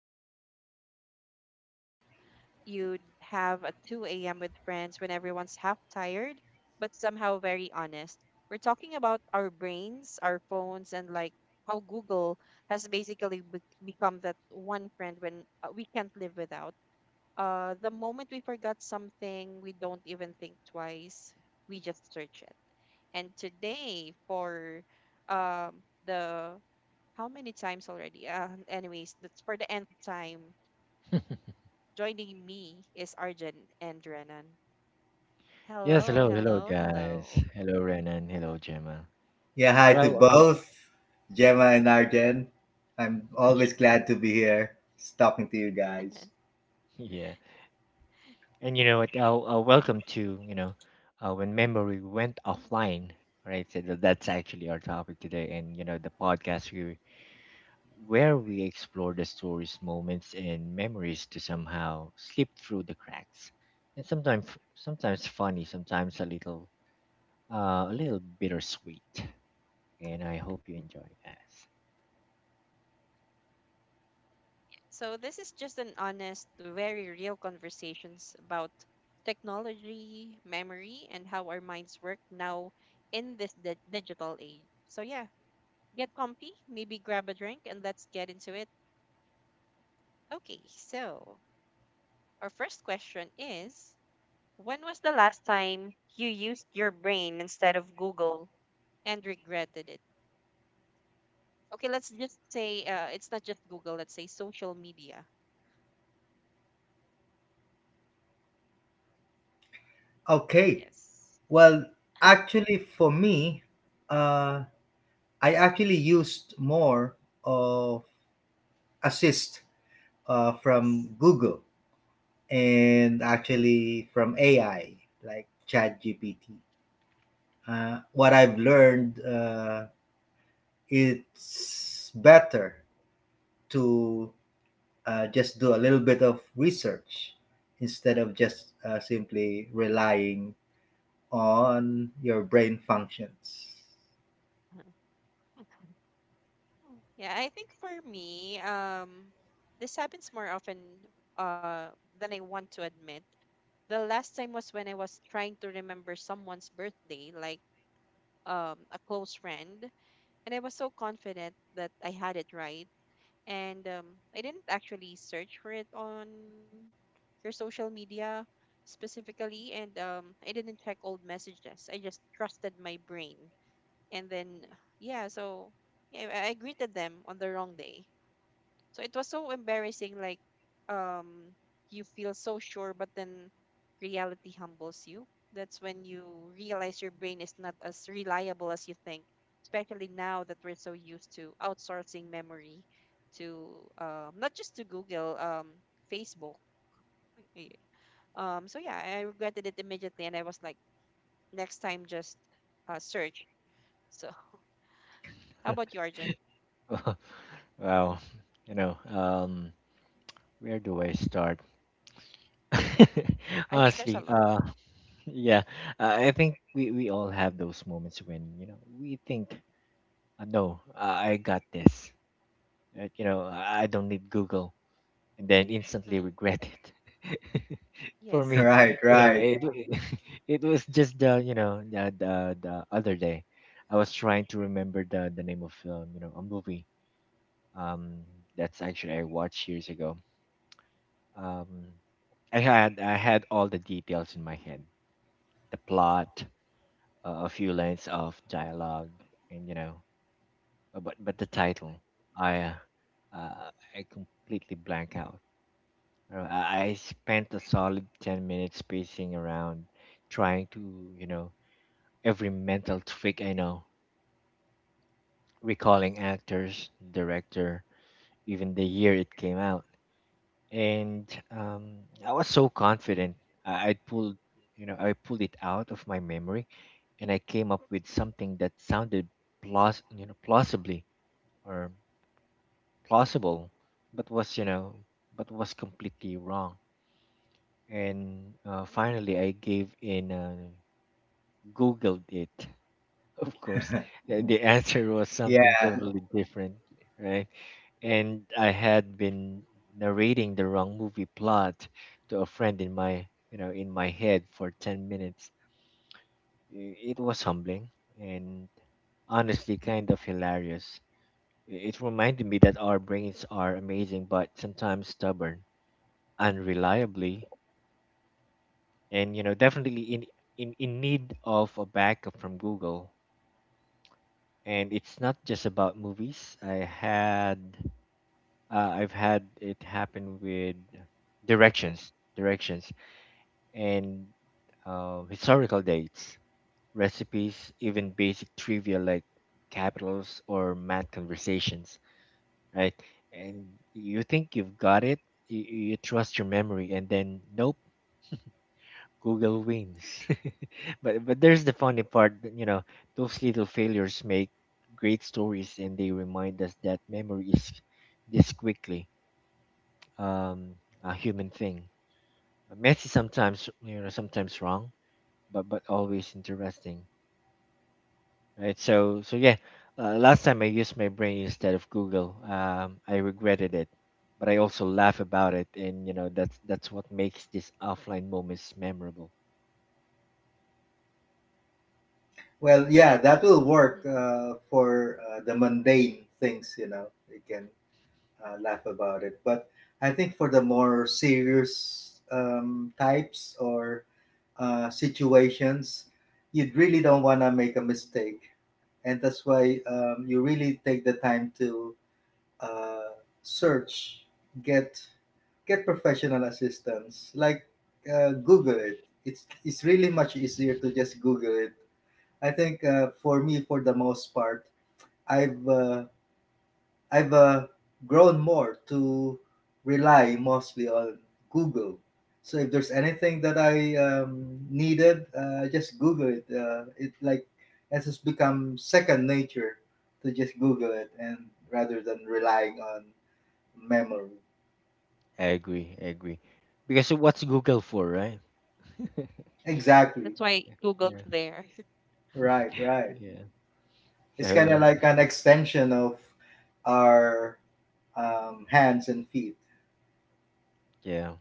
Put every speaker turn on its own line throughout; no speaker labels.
conversations like the type you'd have at 2 a.m. with friends when everyone's half tired, but somehow very honest. We're talking about our brains, our phones, and like how Google has basically become that one friend when we can't live without. The moment we forgot something, we don't even think twice. We just search it. And today, for the how many times already? Anyways, that's for the nth time. Joining me is Arjun and Renan.
Yes,
Hello,
hello, hello,
hello,
guys.
hello.
Hello, Renan. Hello, Gemma.
Yeah, hi to
Well, uh,
both Gemma and Arjen. I'm always glad to be here talking to you guys.
yeah, and you know what? Welcome to when memory went offline, right? So that's actually our topic today, and you know, where we explore the stories, moments, and memories to somehow slip through the cracks, and sometimes funny, sometimes a little bittersweet. And I hope you enjoy,
So this is just an honest, very real conversations about technology, memory, and how our minds work now in this digital age. So yeah, get comfy, maybe grab a drink, and let's get into it. Okay, so our first question is, when was the last time you used your brain instead of Google and regretted it? Okay, let's just say it's not just Google, let's say social media.
Okay,
Yes.
well, actually, for me, uh, I actually used more of assist
Yes.
from Google
Mm-hmm.
and actually from AI like ChatGPT. What I've
Oh.
learned, it's better to just do a little bit of research instead of just simply relying on your brain functions.
Yeah, I think for me, this happens more often uh, than I want to admit. The last time was when I was trying to remember someone's birthday, like a close friend, and I was so confident that I had it right. And I didn't actually search for it on your social media specifically, and I didn't check old messages. I just trusted my brain. And then, yeah, so yeah, I greeted them on the wrong day. So it was so embarrassing, like you feel so sure, but then reality humbles you. That's when you realize your brain is not as reliable as you think, especially now that we're so used to outsourcing memory to not just to Google, Facebook. Eh, so yeah, I regretted it immediately and I was like, next time just search. So how about you, Arjun?
guys. Wow. You know, um, where do I start?
I think there's a
Honestly,
lot.
uh, yeah, I think we all have those moments when, we think, no, I got this. I don't need Google, and then instantly
Mm,
regret it. For
yes.
me,
Right,
you know,
right.
it it was just the, you know, the other day. I was trying to remember the name of a movie um that's actually I watched years ago. Um, I had all the details in my head, the plot, a few lines of dialogue, and but the title, I uh, I completely blank out. I spent a solid 10 minutes pacing around, trying to, you know, every mental trick I know, recalling actors, director, even the year it came out. And I was so confident. I, I pulled, I pulled it out of my memory, and I came up with something that sounded plaus, you know, plausibly or plausible, but was, you know, but was completely wrong. And finally, I gave in, Googled it. Of course, the answer was something
Yeah.
totally different, right? And I had been narrating the wrong movie plot to a friend in my you know in my head for 10 minutes. It was humbling and honestly kind of hilarious. It reminded me that our brains are amazing but sometimes stubborn, unreliably, and you know definitely in need of a backup from Google. And it's not just about movies. I've had it happen with directions, and historical dates, recipes, even basic trivia like capitals or math conversations, right? And you think you've got it, you, you trust your memory, and then nope, Google wins. But there's the funny part, that, you know, those little failures make great stories, and they remind us that memory is this quickly, um, a human thing. Messy sometimes, you know, sometimes wrong, but always interesting, right? So so yeah, last time I used my brain instead of Google, I regretted it, but I also laugh about it, and you know that's what makes these offline moments memorable.
Well, yeah,
And
that will work
mhm.
for the mundane things, you know. You can laugh about it. But I think for the more serious types or situations, you really don't want to make a mistake. And that's why you really take the time to uh, search, get get professional assistance. Like Google it. It's really much easier to just Google it. I think for me, for the most part, I've uh, I've grown more to rely mostly on Google. So if there's anything that I needed, just Google it. It like it has become second nature to just Google it, and rather than relying on memory.
I agree, because what's Google for, right?
Exactly.
That's why
Yeah,
Google's there.
Right. Right.
yeah.
It's kind of
So
like an
Yes.
extension of our hands and feet.
yeah,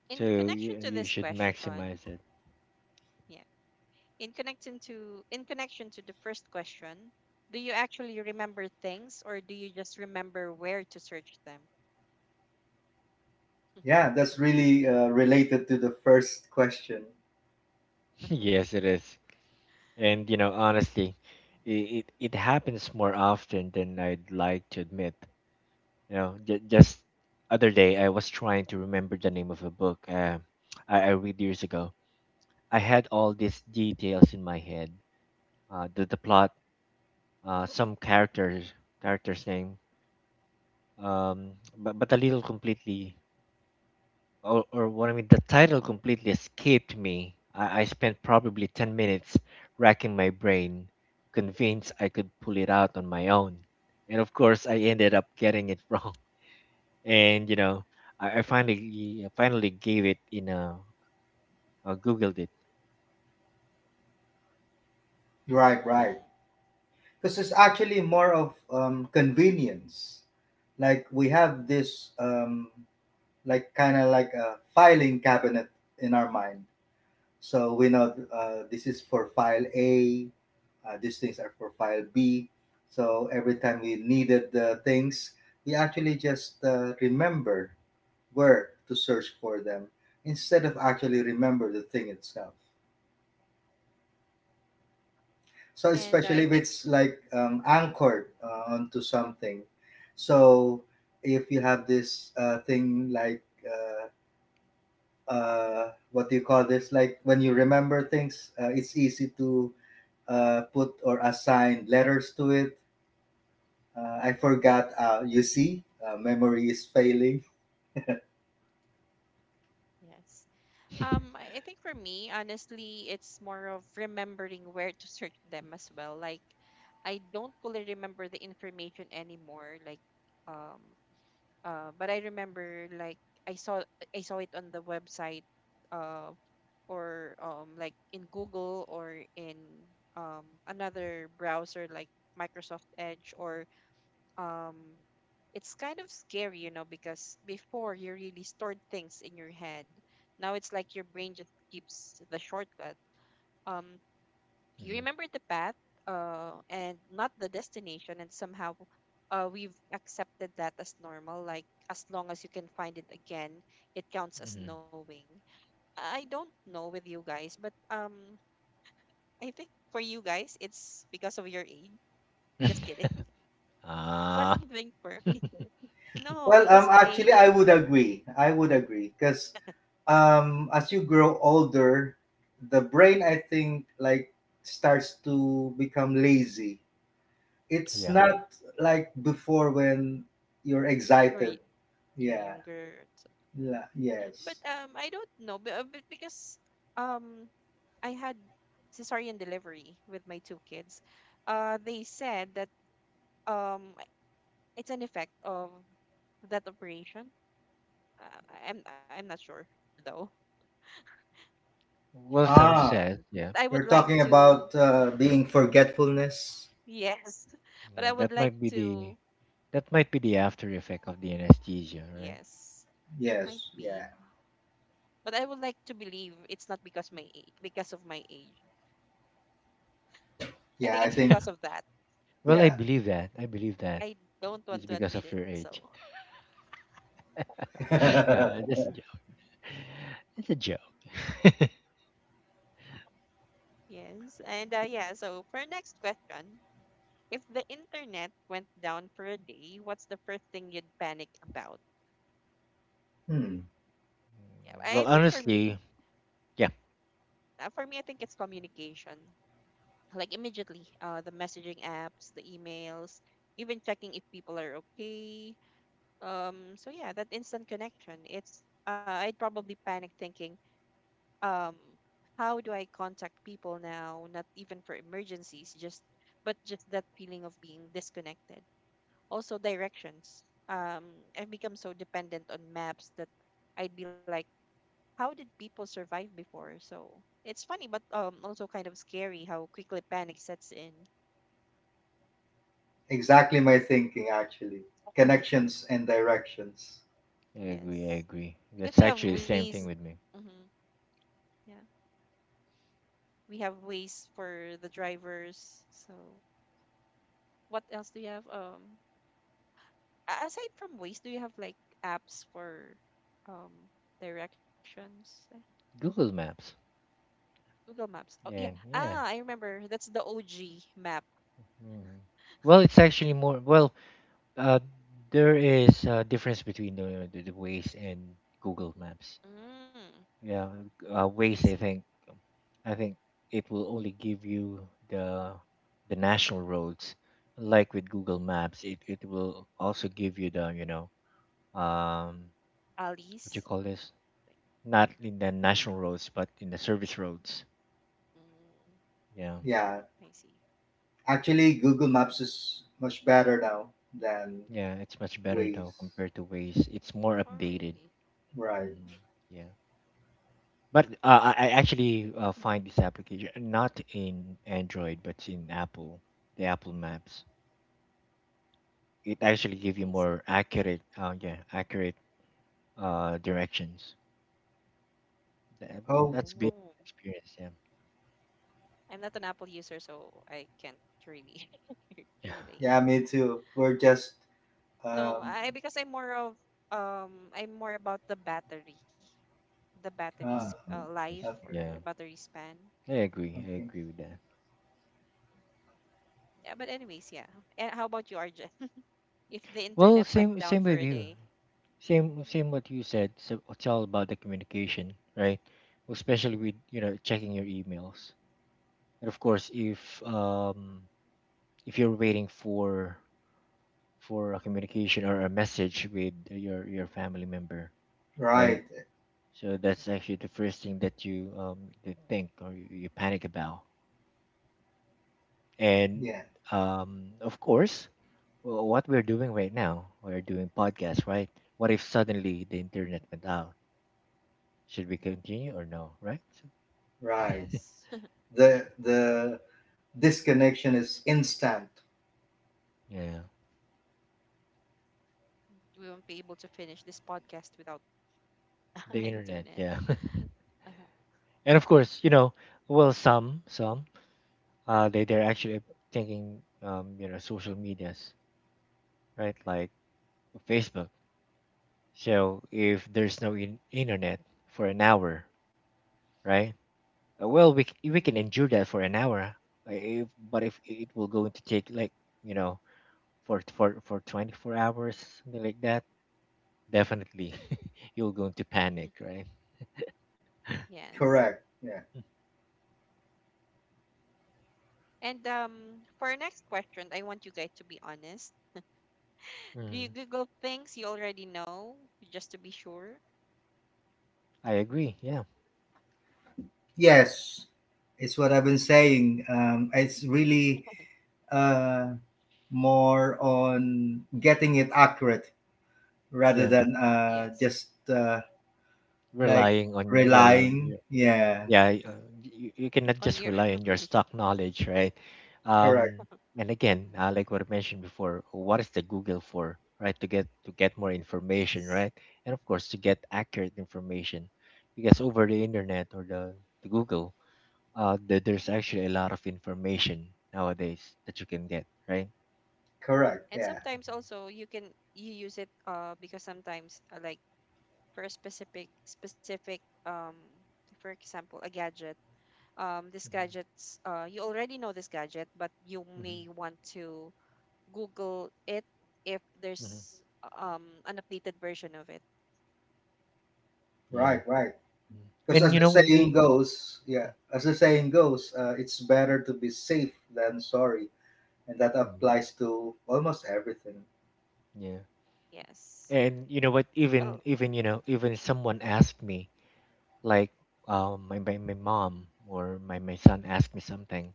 In
so
connection
you,
to this
you should
question,
maximize it.
yeah. In connection to the first question, do you actually remember things or do you just remember where to search them?
Yeah, that's really related to the first question.
Yes, it is. And you know, honestly, it happens more often than I'd like to admit. You know, just other day I was trying to remember the name of a book I read years ago. I had all these details in my head, the plot, some characters name, but a little completely or what I mean, the title completely escaped me. I spent probably 10 minutes racking my brain, convinced I could pull it out on my own. And of course, I ended up getting it wrong. And, you know, I finally gave it in a, Googled it.
Right.
Mm.
Right. Because it's actually more of convenience. Like we have this like kind of like a filing cabinet in our mind, so we know this is for file A, these things are for file B. So every time we needed the things, we actually just remember where to search for them instead of actually remember the thing itself. So
And
especially
I
if
think
it's like anchored onto something. So if you have this thing like what do you call this? Like when you remember things, it's easy to put or assign letters to it. I forgot. You see, memory is failing.
Yes. I think for me, honestly, it's more of remembering where to search them as well. Like, I don't fully remember the information anymore. Like, um, but I remember like I saw I saw it on the website uh, or like in Google or in another browser like Microsoft Edge or um, it's kind of scary, you know, because before you really stored things in your head. Now it's like your brain just keeps the shortcut. Um, you
Hmm
remember the path and not the destination, and somehow we've accepted that as normal, like as long as you can find it again, it counts as
hmm
knowing. I don't know with you guys, but I think for you guys it's because of your age. Just kidding. But
ah.
I think for me, no,
Well,
because
actually,
I,
I would agree. I would agree because as you grow older the brain I think like starts to become lazy. It's
yeah.
not like before when you're
you're
excited.
you're
Yeah
younger so-
La-
but
yes.
I don't know but because um I had cesarean delivery with my two kids. They said that um, it's an effect of that operation. Uh, I'm not sure though.
Well, some
Ah,
said, yeah.
I would
you're
like
talking
to
about being forgetfulness.
yes, but I
Yeah,
would like to
that might be the after effect of the anesthesia, right?
yes, might
Yes, yeah,
be. But I would like to believe it's not because my age, because of my age. I
yeah,
think
I
it's
think
because of that.
Well, I
yeah.
believe that. I believe that
I don't want
it's
to
because
admit
of
it.
your
So
age. No, that's a joke. It's a joke.
yes, and yeah. So for our next question, if the internet went down for a day, what's the first thing you'd panic about?
Hmm.
Yeah,
Mm,
I
well,
think for me,
honestly, yeah,
for me, I think it's communication. Like immediately, the messaging apps, the emails, even checking if people are okay. So yeah, that instant connection. It's I'd probably panic thinking, um, how do I contact people now? Not even for emergencies, just but just that feeling of being disconnected. Also directions. Um, I've become so dependent on maps that I'd be like, how did people survive before? So it's funny, but also kind of scary how quickly panic sets in.
Exactly my thinking, actually, connections and directions.
I agree. I
Yes,
agree. That's
because we have
actually the same
ways.
thing with me.
Hmm, yeah, we have ways for the drivers. So what else do you have? Aside from ways, do you have like apps for um directions?
Google Maps.
Google Maps. Oh yeah.
Yeah,
Ah,
yeah.
I remember. That's the OG map.
Mm. Well, it's actually more. Well, uh, there is a difference between the ways and Google Maps.
Mm.
Yeah,
I
ways
see.
I think it will only give you the national roads. Like with Google Maps, it will also give you the, you know, um, what you
Alice?
call this,
Like,
not in the national roads but in the service
mhm.
roads.
Mm,
Yeah,
Yeah.
I see.
Actually, Google Maps is much better now than
yeah, it's much better though
Waze.
compared to ways it's more
Oh,
updated.
really?
Right.
Hmm, yeah. But I actually find this application not in Android but in Apple, the Apple Maps. It actually give you
I see.
more accurate, yeah, accurate, uh, directions. That- well,
Oh,
that's been
Oh.
an experience, yeah.
I'm not an Apple user, so I can't really
Yeah.
relate.
yeah, me too. We're just,
No,
um,
I because I'm more of I'm more about the battery
uh,
Mhm.
life
Yes,
or
okay,
yeah,
battery span.
I agree, I
okay.
agree with that.
Yeah, but anyways, yeah. And how about you, Arjun? if the
Well,
internet went down
same
for
with
a
you.
day, hmm
Same what you said. So it's all about the communication, right? Especially with, you know, checking your emails, and of course if um, if you're waiting for a communication or a message with your family member, right?
Right.
So that's actually the first thing that you, um, you think or you panic about. And
Yeah,
um, of course, what we're doing right now, we're doing podcasts, right? What if suddenly the internet went out? Should we
hmm
continue or no, right? So,
right.
yes, right,
The disconnection is instant.
yeah,
we won't be able to finish this podcast without
the internet,
internet.
yeah. And of course, you know, well, some uh, they're actually thinking, um, you know, social medias, right? Like Facebook. So if there's no internet for an hour, right? Well, we can
Hmm.
endure that for an hour. If, but if it will going to take like, you know, for 24 hours something like that, definitely you're going to panic, right?
Yes.
Correct. Yeah.
And for our next question, I want you guys to be honest. Do you
Mm.
Google things you already know just to be sure?
I agree. Yeah,
Yes, it's what I've been saying. It's really uh, more on getting it accurate rather
yeah.
than
Yes.
just like
Relying on your,
relying.
your
Yeah,
yeah, you cannot
On
just
your
rely on your
memory.
stock knowledge, right?
correct,
Um, and again, like what I mentioned before, what is the Google for, right? To get, to get more information,
Yes.
right? And of course to get accurate information, because over the internet or the Google, uh, there's actually a lot of information nowadays that you can get, right?
correct.
And
Yeah,
sometimes
Mm-hmm.
also you can you use it because sometimes like for a specific um for example a gadget, this gadgets you already know this gadget, but you
Mm-hmm.
may want to Google it if
Hmm.
there's an updated version of it.
Yeah.
right, right.
Mhm.
Because
Mhm.
as
And you
the
know
saying
it.
goes, yeah, as the saying goes, it's better to be safe than sorry, and that
Mhm.
applies to almost everything.
Yeah.
Yes.
And you know what, even
Well,
even you know even someone asked me like, my mom or my son ask me something,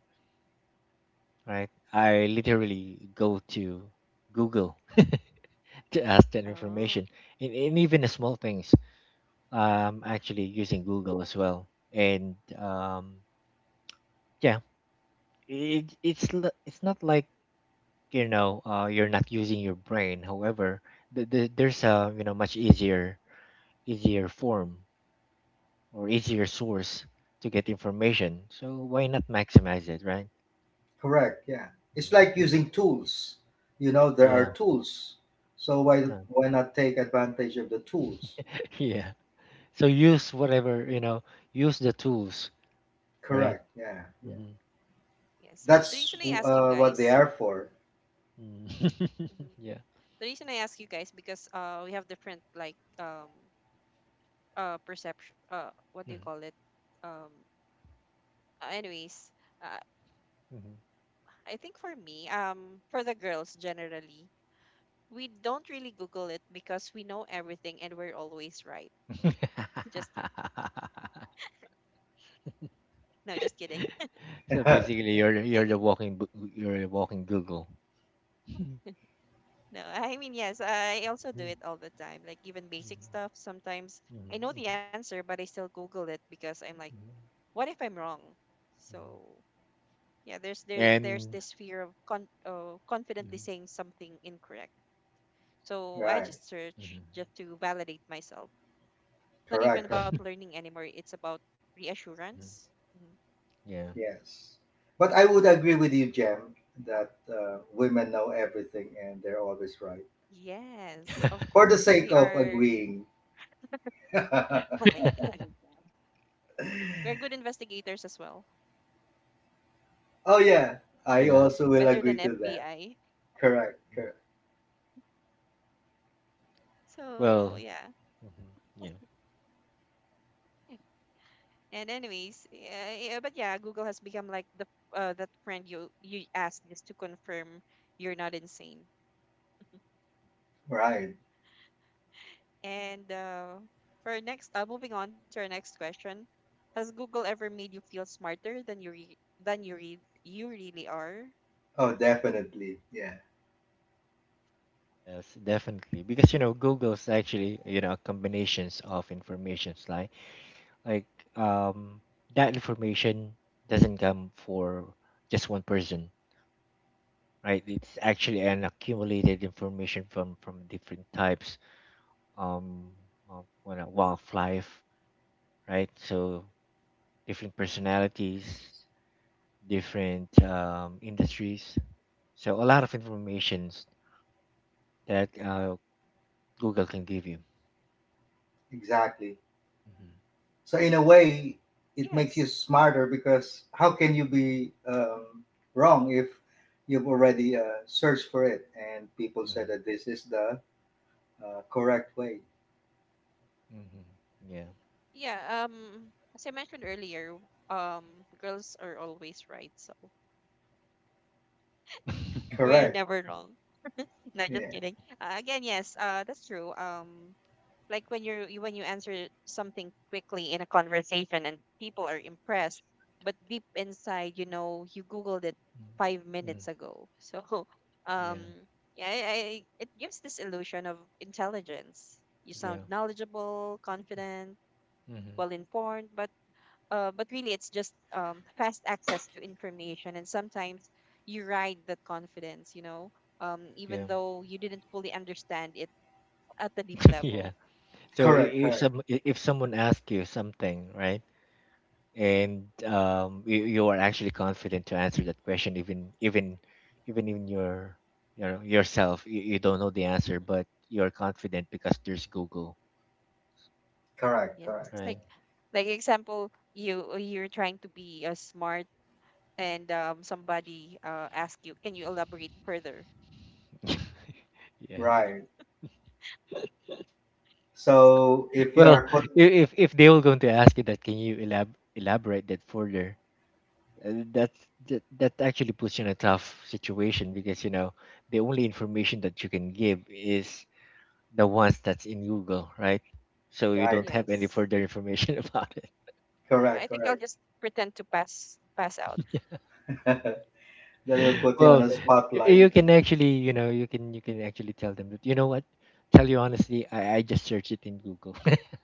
right? I
mhm,
literally go to Google to ask that
oh,
information, and even the small things. Actually using Google as well, and yeah, it it's it's not like, you know, you're not using your brain. However, there's a, you know, much easier, easier form or easier source to get information. So why not maximize it, right?
Correct. Yeah, it's
Mhm.
like using
mm,
tools. You know, there are
Yeah,
tools, so why
yeah.
why not take advantage of the tools?
Yeah. So use whatever you know. Use the tools, right?
Correct. Yeah, yeah.
Hmm.
yes. The reason
That's
I ask you
what they
guys,
are for.
Mm.
mhm.
Yeah.
the reason I ask you guys because we have different like perception, what do you call it, um anyways, uh,
Mm-hmm.
I think for me, for the girls generally we don't really Google it because we know everything and we're always right. Just kidding. No, just kidding.
So
Right.
basically, you're
I
you're the
mean,
walking you're the walking Google. Mhm,
no, I mean, yes, I also do
mhm,
it all the time. Like even basic
mhm,
stuff, sometimes I
mhm,
know the
mhm,
answer, but I still Google it because I'm like,
mhm.
what if I'm wrong?
Mhm.
So yeah, there's
And
this fear of confidently
mhm,
saying something incorrect. So I
Correct.
just
mhm,
search just to validate myself. It's not even
Correct.
about learning anymore. It's about
mhm.
reassurance. Mhm.
Yeah,
Yes. But I would agree with you, Jem, that women know everything and they're always right. Yeah.
Yes, of
For the
course,
sake
we
of
are.
agreeing. Oh,
Oh my God, we're good investigators as well,
yeah. I
yeah.
also will
better
agree
than
to that.
FBI.
Correct. Correct.
So
Well,
yeah.
mhm, yeah.
And anyways, yeah, yeah, but yeah, Google has become like the that friend you you ask just to confirm you're not insane.
Right.
And moving on to our next question, has Google ever made you feel smarter than you really are?
Oh, definitely. Yeah.
Yes, definitely. Because, you know,
Hmm.
Google's actually, you know, combinations of informations like, like um that information doesn't come for just one person, right? It's actually an accumulated information from different types, um, of what a wildlife, right? So different personalities, different, um, industries. So a lot of informations that uh, Google can give you.
Exactly.
Mm-hmm.
So, in a way, it
Yes.
makes you smarter because how can you be wrong if you've already searched for it and people
Mm-hmm.
said that this is the correct way?
Mm-hmm. Yeah.
Yeah. Um, as I mentioned earlier, um, girls are always right, so we're
Correct.
never wrong. No, just
Yeah.
kidding. Again, yes. That's true. Like when when you answer something quickly in a conversation and people are impressed, but deep inside you know you googled it five
Mm-hmm.
minutes ago. So
Yeah,
um yeah, it gives this illusion of intelligence, you sound
yeah,
knowledgeable, confident, well
mm-hmm.
informed, but really it's just fast access to information, and sometimes you ride that confidence, you know, even
Yeah,
though you didn't fully understand it at the deep
yeah.
level.
So
Correct,
if
correct,
if someone asks you something, right, and you are actually confident to answer that question, even even in your, you know, yourself, you don't know the answer,
Mhm.
but you're confident because there's Google,
correct, correct.
Yes, like
right?
like example, you're trying to be smart, and somebody ask you, can you elaborate further?
Yeah.
Right.
So
So if you
Well,
are put
if they were going to ask you that, can you elaborate that further? That actually puts you in a tough situation because you know the only information that you can give is the ones that's in Google, right? So you
right,
don't have any further
yes,
information about it.
correct,
I
correct.
think I'll just pretend to pass out.
That will put you on
Well,
a spotlight.
you can actually, you know, you can actually tell them that, you know what, tell you honestly, I just searched it in Google.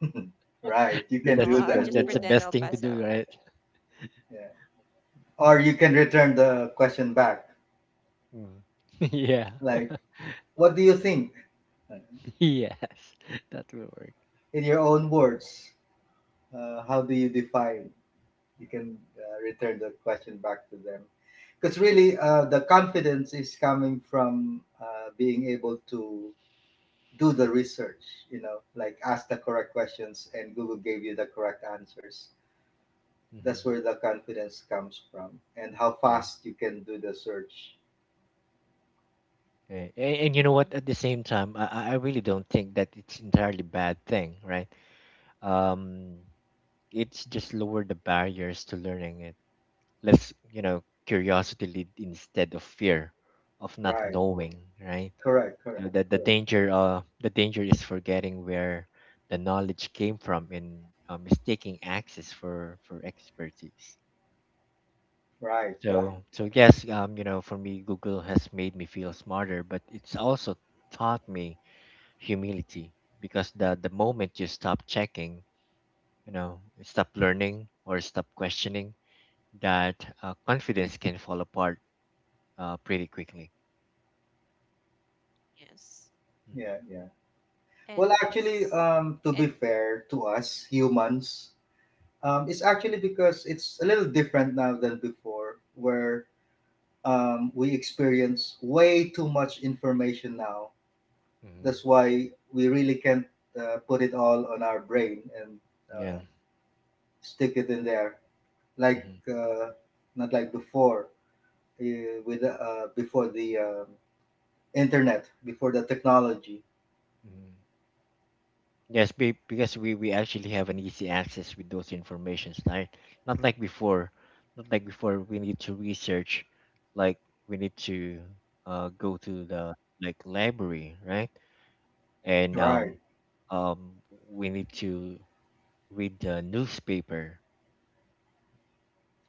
Right. You
So
can
that's
No,
do
I'll
that.
just
that's the
pretend
best
I'll
thing to
pass
do,
out.
right?
Yeah. Or you can return the question back.
Mm. Yeah.
Like, what do you think?
Yes, that will work.
In your own words, how do you define? You can return the question back to them. Because really, the confidence is coming from being able to do the research, you know, like ask the correct questions and Google gave you the correct answers. That's
Hmm.
where the confidence comes from, and how
Yeah.
fast you can do the search.
Right. And you know what? At the
Hmm.
same time, I really don't think that it's entirely bad thing, right? Um, it's just lower the barriers to learning it. Let's, you know, curiosity lead instead of fear of not
Right,
knowing, right?
correct,
You
correct.
know, that the danger is forgetting where the knowledge came from, and mistaking access for expertise.
Right, right.
So, so yes, you know, for me, Google has made me feel smarter, but it's also taught me humility, because the moment you stop checking, you know, stop learning or stop questioning, that confidence can fall apart pretty quickly.
Yes,
Yeah, yeah.
Mm-hmm.
Well,
and
actually,
yes,
to be
and
fair to us humans, it's actually because it's a little different now than before where we experience way too much information now.
Mm-hmm.
That's why we really can't put it all on our brain and
Yeah.
uh, stick it in there, like
Mm-hmm.
not like before, uh, with before the internet, before the technology.
Mm-hmm. Yes, because we actually have an easy access with those informations, right? Not like before. Not like before, we need to research, like we need to go to the, like, library, right? and
Right.
um um we need to read the newspaper,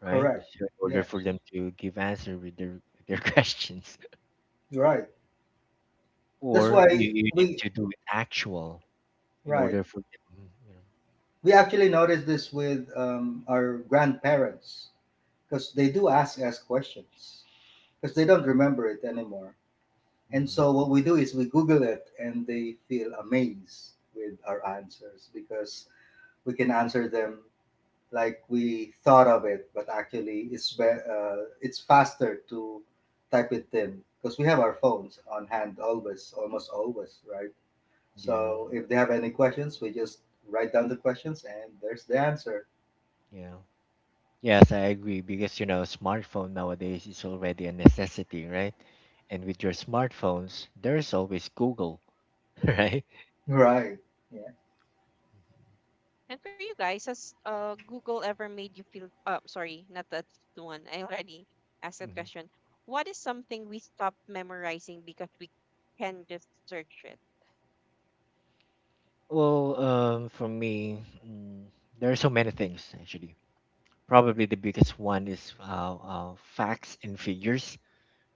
right?
Correct.
So in order
Yes,
for them to give answer with their questions,
you're right. That's
or you,
why
you need
we,
to do it actual in
right,
order for them, mm, you know.
we actually noticed this with our grandparents because they do ask us questions because they don't remember it anymore. And
Hmm.
so what we do is we Google it, and they feel amazed with our answers because we can answer them like we thought of it, but actually it's faster to type it in because we have our phones on hand always, almost always, right?
Yeah,
So if they have any questions, we just write down the questions and there's the answer.
yeah, yes, I agree because you know smartphone nowadays is already a necessity, right? And with your smartphones, there's always Google, right?
Right. Yeah.
And for you guys, has Google ever made you feel, sorry, not that one. I already asked that
Mhm.
question. What is something we stop memorizing because we can just search it?
Well, for me, there are so many things actually. Probably the biggest one is facts and figures.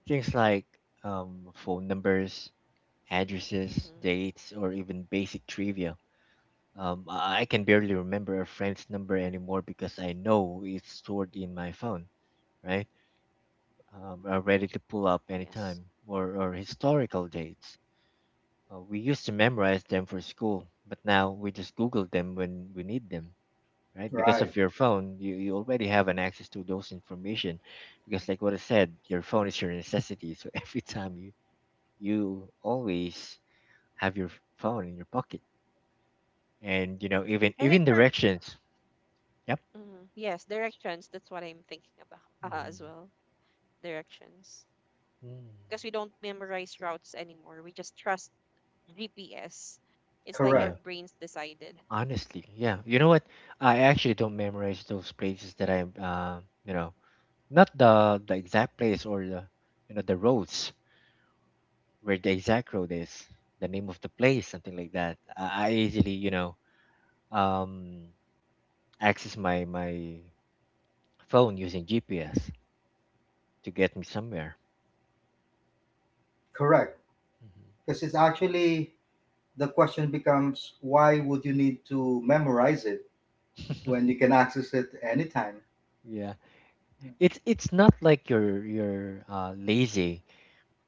Things like phone numbers, addresses,
Mm-hmm.
dates, or even basic trivia. I can barely remember a friend's number anymore because I know it's stored in my phone, right? Ready to pull up
Yes.
anytime, or historical dates. We used to memorize them for school, but now we just Google them when we need them. Right, because
Right.
of your phone, you already have an access to those information, because like what I said, your phone is your necessity, so every time you, you always have your phone in your pocket. And you know, even
I think
even
for,
directions. Yep.
mhm, yes, directions. That's what I'm thinking about as
Hmm.
well. Directions.
Mm.
Because we don't memorize routes anymore. We just trust GPS. It's like our
Yeah,
Correct.
brains decided.
honestly, yeah, you know what, I actually don't memorize those places that I you know, not the exact place, or the, you know, the roads, where the exact road is, the name of the place, something like that. I easily, you know, um, access my phone using GPS to get me somewhere.
Correct. Because it's actually, the question becomes why would you need to memorize it
Mhm.
when you can access it anytime.
Yeah,
Yeah.
it's not like you're lazy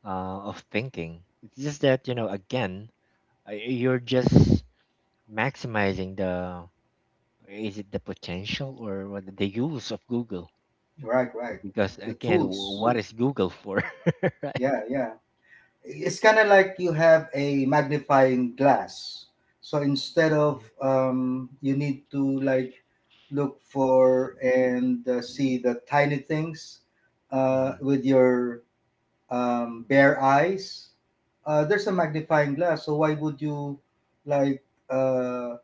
of thinking. It's just that you know, again, you're just maximizing the, is it the potential or what, the use of Google?
Right, right.
Because
The
again,
tools.
what is Google for, right?
Yeah, yeah. It's kind of like you have a magnifying glass. So instead of
Mhm.
you need to like look for and see the tiny things
Mhm.
with your bare eyes. There's a magnifying glass. So why would you like uh,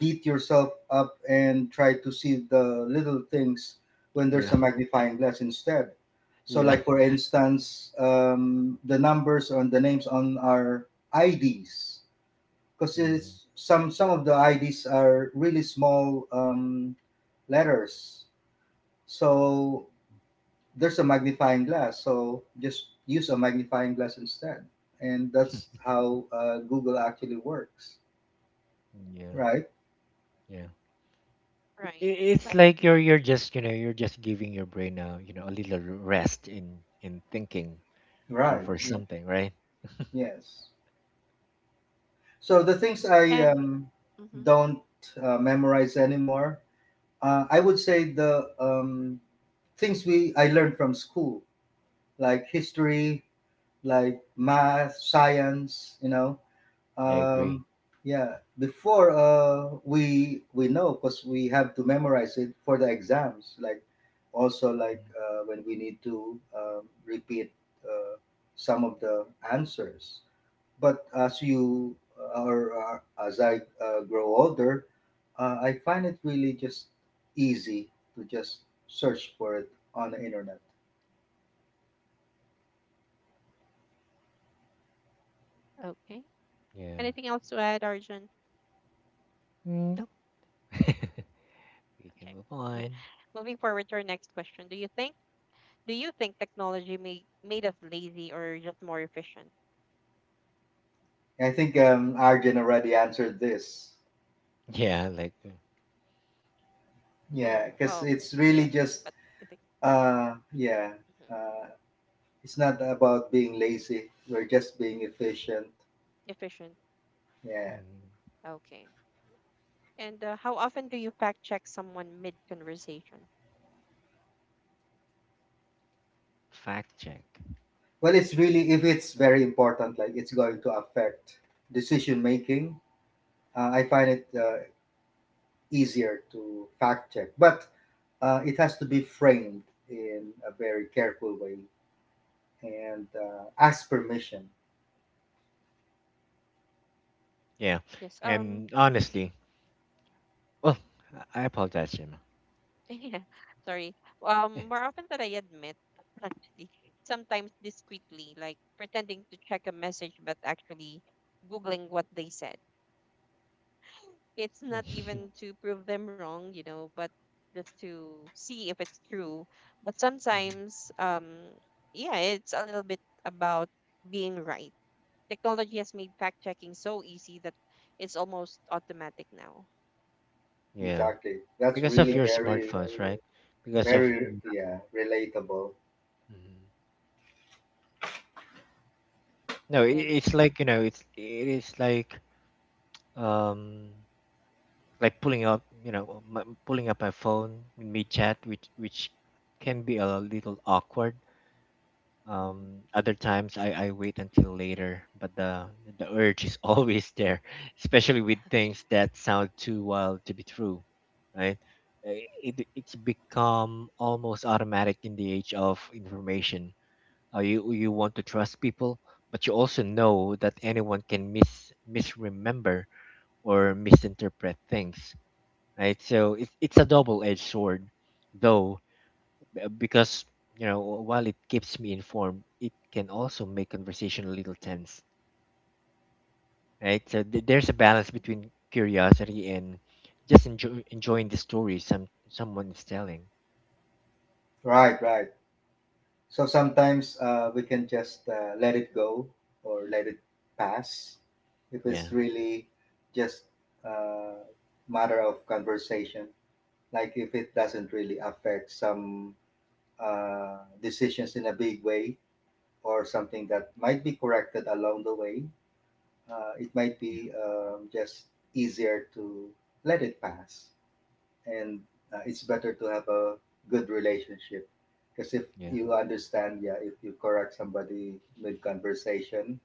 beat yourself up and try to see the little things when there's
Yeah,
a magnifying glass instead. So,
yeah.
like for instance, the numbers on the names on our IDs, because
Mhm.
it's some of the IDs are really small letters. So there's a magnifying glass. So just use a magnifying glass instead, and that's how Google actually works.
Yeah,
Right.
yeah.
Right. I
It's like
agree.
you're just, you know, you're just giving your brain a, you know, a little rest in thinking
Right.
for
Yeah.
something, right?
Yes. So the things I
And hmm
don't memorize anymore, I would say the things we I learned from school, like history, like math, science. You know,
I agree.
um, yeah. Before we know because we have to memorize it for the exams. Like, also like
Mhm.
when we need to repeat uh, some of the answers. But as you or as I grow older, I find it really just easy to just search for it on the internet.
okay. Anything else to
Yeah.
add, Arjun?
No.
Okay.
We can
Okay.
move on.
Moving forward to our next question. Do you think technology made us lazy or just more efficient?
I think Arjun already answered this.
Yeah, like,
Oh,
Yeah, because it's
yeah.
really
But
just
I think
uh, yeah,
mhm,
uh, it's not about being lazy. We're just being efficient.
efficient.
Yeah.
mm,
Okay. And how often do you fact check someone mid conversation?
fact check.
Well, it's really if it's very
Hmm
important, like it's going to affect decision making. I find it
hmm
easier to fact check, but it has to be framed in a very careful way and ask permission.
Yeah.
yes.
And honestly, well, I apologize, Jim.
Yeah, sorry. More often than I admit, actually, sometimes discreetly, like pretending to check a message, but actually Googling what they said. It's not
Mhm.
even to prove them wrong, you know, but just to see if it's true. But sometimes, yeah, it's a little bit about being right. Technology has made fact checking so easy that it's almost automatic now.
Yeah,
Exactly. That's
because of
really
your
very,
smartphones, right? Because of,
very
mhm.
yeah relatable.
No, I
And
it's like, you know, it's it is like, um like pulling up, you know, pulling up my phone in mid chat, which can be a little awkward. Other times I wait until later, but the urge is always there, especially with things that sound too wild to be true, right? It's become almost automatic in the age of information. You want to trust people, but you also know that anyone can misremember or misinterpret things, right? So it's a double-edged sword, though, because you know, while it keeps me informed, it can also make conversation a little tense, right? So there's a balance
mhm.
between curiosity and just enjoying the story someone is telling.
Right, right. So sometimes we can just let it go or let it pass if it's
Yeah,
really just a matter of conversation. Like if it doesn't really affect some decisions in a big way or something that might be corrected along the way, it might
yeah,
be just easier to let it pass. And it's better to have a good relationship. Because if
yeah.
you understand, yeah, if you correct somebody mid conversation,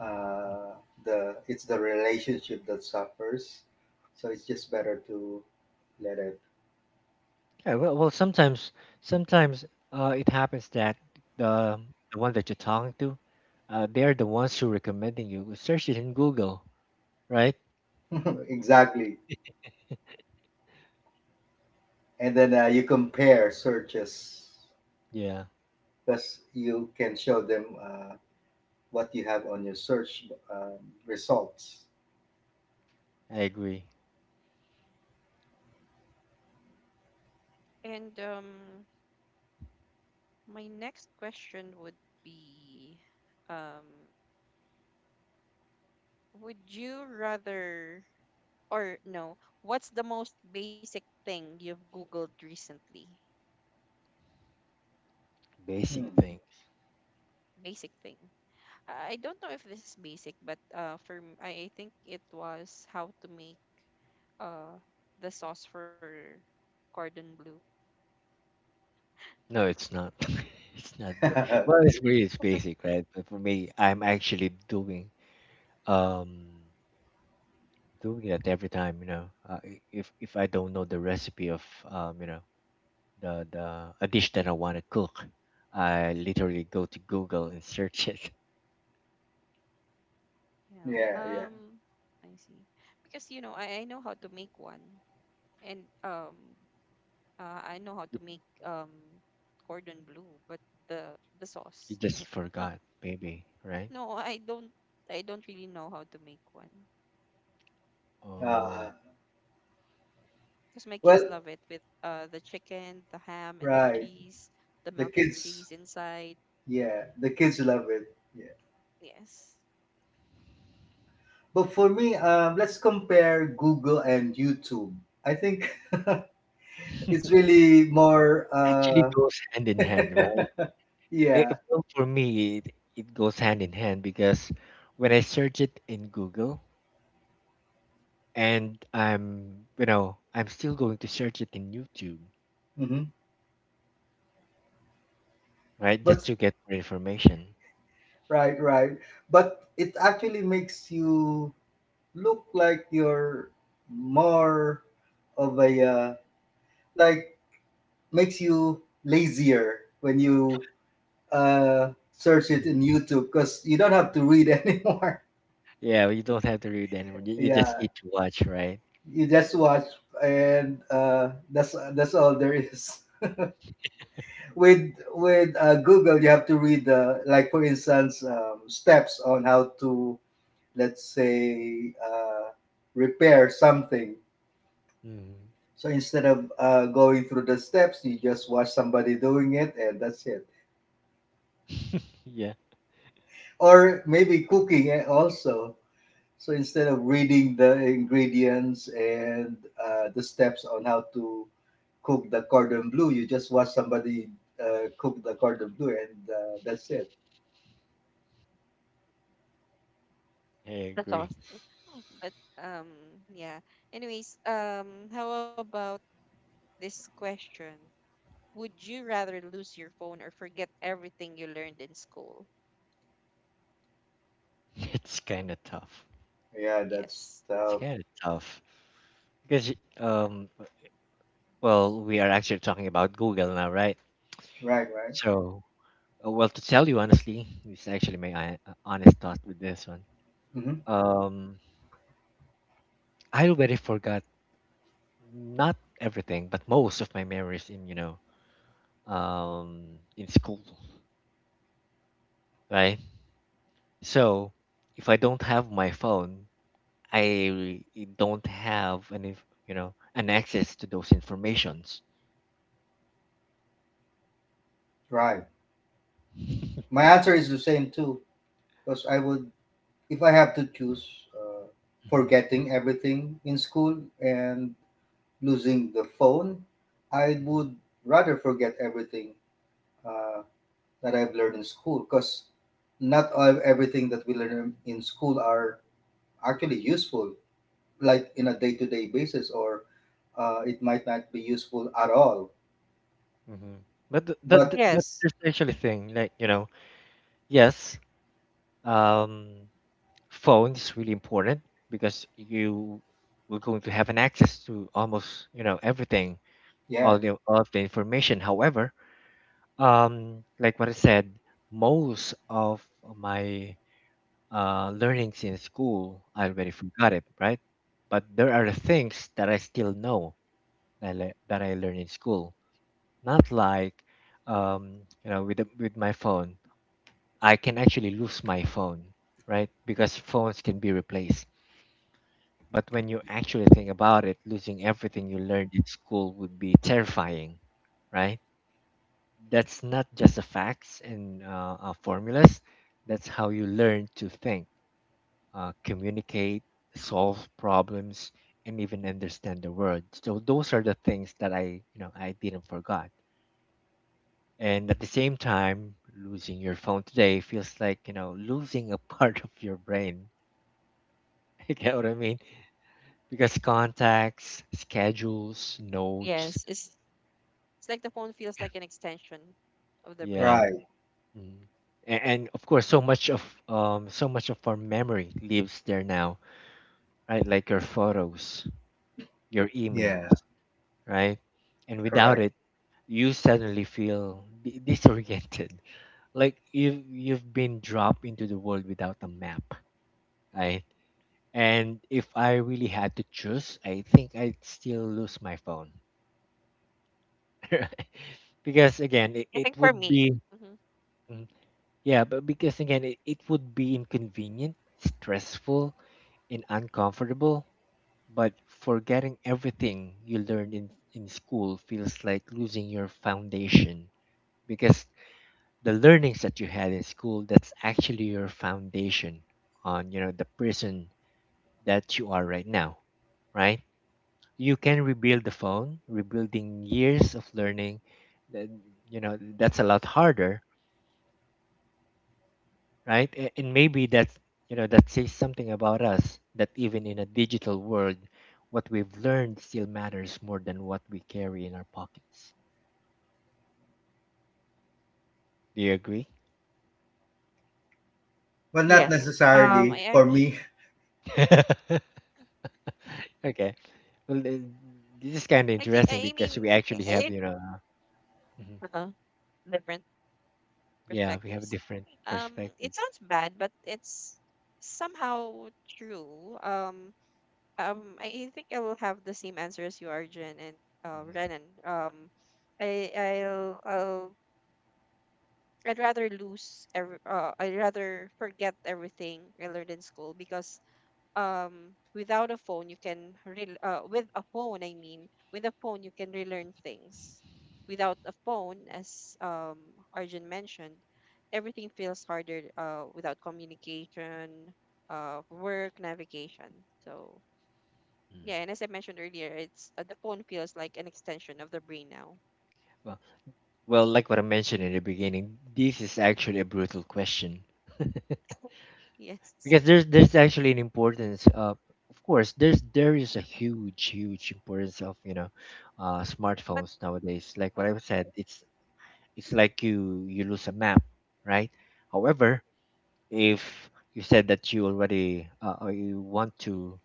uh, the it's the relationship that suffers. So it's just better to let it.
Yeah, well, well, sometimes, sometimes it happens that the the one that you're talking to, they're the ones who recommending you. Search it in Google, right?
Exactly. And then you compare searches
Yeah,
because you can show them what you have on your search results.
I agree.
And my next question would be, um, would you rather, or no, what's the most basic thing you've Googled recently?
Basic
Hmm.
things.
Basic thing. I don't know if this is basic, but I think it was how to make uh the sauce for cordon bleu.
No, it's not. It's not. Well, it's really, it's basic, right? But for me, I'm actually doing, um doing it every time. You know, if I don't know the recipe of, you know, the a dish that I want to cook, I literally go to Google and search it.
You know,
Yeah, yeah.
um, I see, because I know how to make one, and I know how to make cordon bleu, but the
You
sauce,
just forgot, maybe, right?
no, I don't. I don't really know how to make one
Uh,
Oh,
because my kids
well,
love it with the chicken, the ham, and the
right.
cheese, the
The
melted cheese
kids,
inside.
yeah, the kids love it. Yeah.
Yes.
But for me, let's compare Google and YouTube. I think it's really more.
actually goes hand in hand, right?
Yeah.
Well, for me, it goes hand in hand because when I search it in Google, and I'm, you know, I'm still going to search it in YouTube,
Hmm.
right? Just
But
to get more information.
right,
Yeah.
right. But it actually makes you look like you're more of a uh, like makes you lazier when you search it
Mhm.
in YouTube because you don't have to read anymore.
Yeah, you don't have to read anymore. You just
Yeah,
need to watch, right?
you just watch, and uh, that's all there is. With uh, Google, you have to read the, like for instance, steps on how to, let's say, repair something.
Mm.
So instead of going through the steps, you just watch somebody doing it, and that's it.
Yeah,
Or maybe cooking, eh, also. So instead of reading the ingredients and the steps on how to cook the cordon bleu, you just watch somebody cook the cordon bleu, and that's it.
I
That's all.
agree.
But um yeah. Anyways, how about this question? Would you rather lose your phone or forget everything you learned in school?
It's kind of tough.
Yeah, that's
Yes.
It's
tough.
kind of tough because well, we are actually talking about Google now, right?
Right, right,
So well, to tell you honestly, it's actually my honest thought with this one.
hmm,
Um, I already forgot, not everything, but most of my memories in, you know, in school, right? So if I don't have my phone, I don't have any, you know, an access to those informations.
right.
Hmm.
My answer is the same too, because I would, if I have to choose, uh, forgetting everything in school and losing the phone, I would rather forget everything. Uh, that I've learned in school because not ev- everything that we learn in school are actually useful, like in a day-to-day basis, or it might not be useful at all.
Hmm. But that,
But
that's
Yes.
the actually thing. Like, you know, yes, um, phone is really important because you were going to have an access to almost, you know, everything,
yeah,
all of the information. However, um, like what I said, most of my learnings in school, I already forgot it, right? But there are things that I still know that that I learned in school. Not like, you know, with with my phone, I can actually lose my phone, right? Because phones can be replaced. But when you actually think about it, losing everything you learned in school would be terrifying, right? That's not just the facts and formulas. That's how you learn to think, communicate, solve problems, and even understand the world. So those are the things that I, you know, I didn't forgot. And at the same time, losing your phone today feels like, you know, losing a part of your brain. You get what I mean? Because contacts, schedules, notes,
Yes. It's like the phone feels like an extension
yeah.
of the
right.
brain.
Mm. A- And, of course, so much of, so much of our memory lives there now, right? Like your photos, your emails,
Yeah.
right? And without
Correct.
it, you suddenly feel disoriented, like you've been dropped into the world without a map, right? And if I really had to choose, I think I'd still lose my phone, because again, it
I
would
think for
be,
me. Hmm.
mhm. Yeah, but because again, it would be inconvenient, stressful, and uncomfortable. But forgetting everything you learned in school feels like losing your foundation, because the learnings that you had in school, that's actually your foundation on, you know, the person that you are right now, right? You can rebuild the phone, rebuilding years of learning, then, you know, that's a lot harder, right? A- And maybe that's, you know, that says something about us that even in a digital world, what we've learned still matters more than what we carry in our pockets. Do you agree?
Well, not
Yes.
necessarily for
I
me.
actually,
Okay. Well, this is kind
I,
of
I
interesting
mean
because we actually
it,
have, you know, mhm,
uh, different
yeah, we have a
perspectives.
different
Um,
perspective.
it sounds bad, but it's somehow true. I think I will have the same answer as you, Arjun, and
Mhm.
Renan. I I'll, I'll I'd rather forget everything I learned in school, because without a phone you can with a phone, I mean, with a phone you can relearn things. Without a phone, as Arjun mentioned, everything feels harder, without communication, work, navigation. So
Mm.
yeah, and as I mentioned earlier, it's the phone feels like an extension of the brain now.
Well, well, like what I mentioned in the beginning, this is actually a brutal question.
Yes.
Because there's actually an importance of course there's, there is a huge, huge importance of, you know,
But
smartphones
uh,
nowadays, like what I said, it's like you lose a map, right? However, if you said that you already or you want to,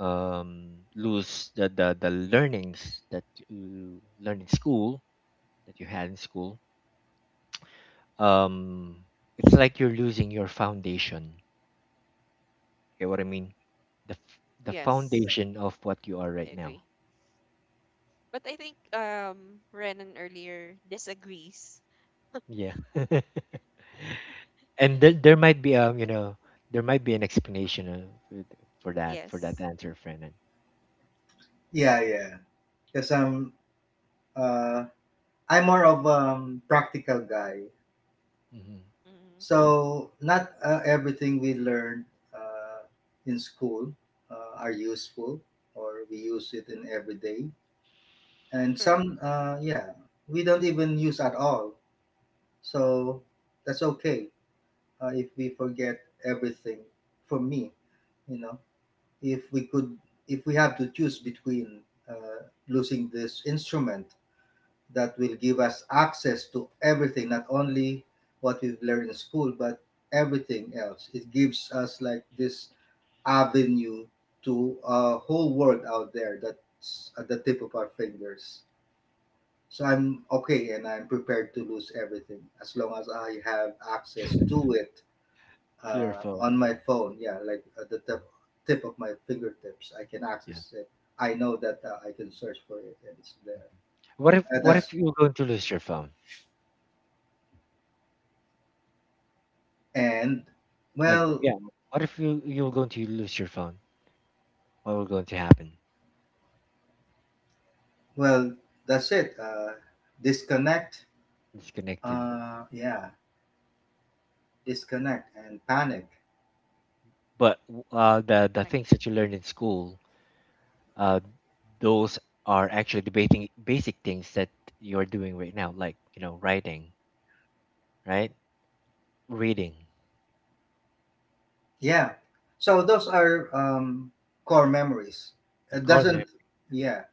lose the learnings that you learn in school, that you had in school, um it's like you're losing your foundation. Get what I mean? The the
yes,
foundation of what you are
I
right
agree,
now.
but I think Renan earlier disagrees.
Yeah. And there might be, you know, there might be an explanation for that, for that
Yes.
answer, Fernand.
Yeah, yeah. Because uh, I'm more of practical guy.
Mm-hmm.
Mm-hmm.
So not everything we learn uh, in school are useful, or we use it in everyday, and
Correct.
some yeah, we don't even use at all, so that's okay if we forget everything, for me, you know if we could, if we have to choose between losing this instrument that will give us access to everything, not only what we've learned in school, but everything else. It gives us like this avenue to a whole world out there that's at the tip of our fingers. So I'm okay and I'm prepared to lose everything as long as I have access to it
It's your phone.
on my phone. Yeah, like at the
Mhm.
tip, tip of my fingertips, I can
Yeah.
access it. I know that I can search for it and it's there.
Mhm. What if,
Uh,
what if
that's
you're going to lose your phone?
and well,
Yeah. What if you, you're going to lose your phone? What will going to happen?
well, that's it. Disconnect.
Disconnected.
Yeah, disconnect and panic.
Connect.
But the things that you learned in school, uh, those are actually debating basic things that you're doing right now, like, you know, writing, right? Reading.
Yeah. So those are core memories.
A
It
core mem-
doesn't. Yeah,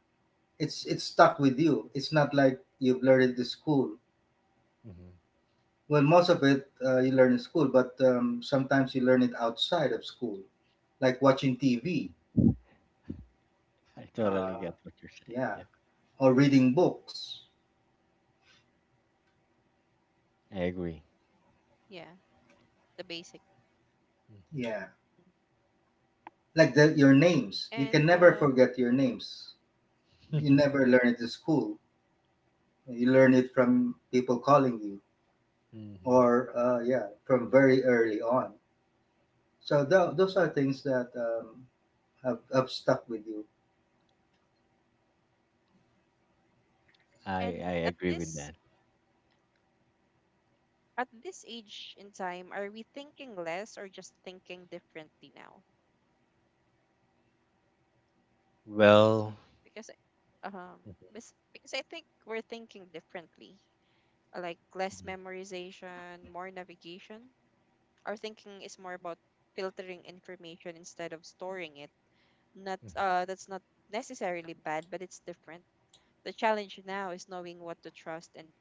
it's stuck with you. It's not like you've learned it in school.
Mhm.
Well, most of it you learn in school, but sometimes you learn it outside of school, like watching TV,
I totally
uh,
get what you're saying.
yeah,
Yeah,
or reading books,
I agree.
Yeah, the basic. Mhm.
Hmm.
yeah, like the, your
and
names. You
um
can never forget your names. You never learn it in school. You learn it from people calling you,
Hmm.
or yeah, from very early on. So those are things that have stuck with you.
and
I
at
I agree
this
with that.
at this age in time, are we thinking less or just thinking differently now?
Well,
Because um
mhm,
I think we're thinking differently, like less
mhm,
memorization, more navigation. Our thinking is more about filtering information instead of storing it. not
mhm,
uh that's not necessarily bad, but it's different. The challenge now is knowing what to trust, and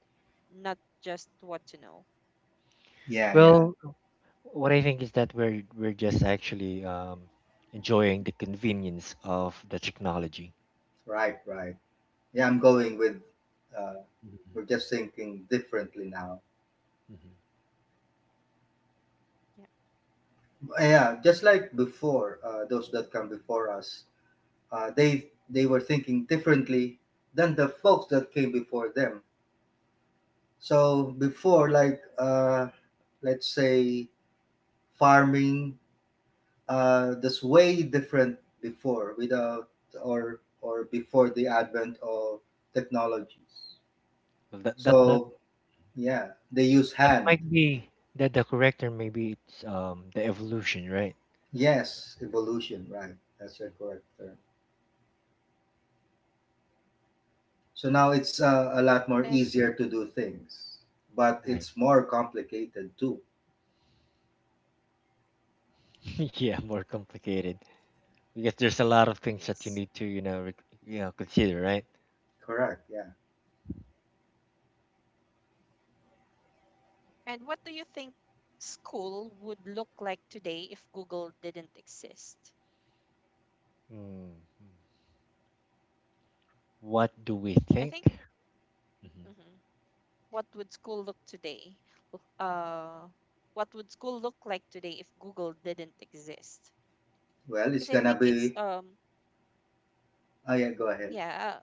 not just what to know.
Yeah, yeah,
well, what I think is that we're just actually, enjoying the convenience of the technology.
right, right. Yeah, I'm going with. Uh,
Mhm,
we're just thinking differently now.
mhm.
Yeah.
Yeah, just like before, those that come before us, uh, they were thinking differently than the folks that came before them. So before, like let's say farming, that's way different before without or before the advent of technologies.
Well, that that not.
So yeah, they use
That
hand.
might be that the correct term. Maybe it's, the evolution, right?
Yes, evolution, right. That's a correct term. So now it's a lot more
And
easier to do things, but
I
it's more complicated too.
yeah, more complicated, because there's a lot of things that you
yes.
need to, you know, you know, consider, right?
Correct, yeah.
And what do you think school would look like today if Google didn't exist?
Mm. What do we
I
think?
think,
Hmm.
mhm, what would school look today? Look- Uh, what would school look like today if Google didn't exist?
Well, it's
Because I
gonna
think it's
be. Oh, yeah, go ahead.
yeah.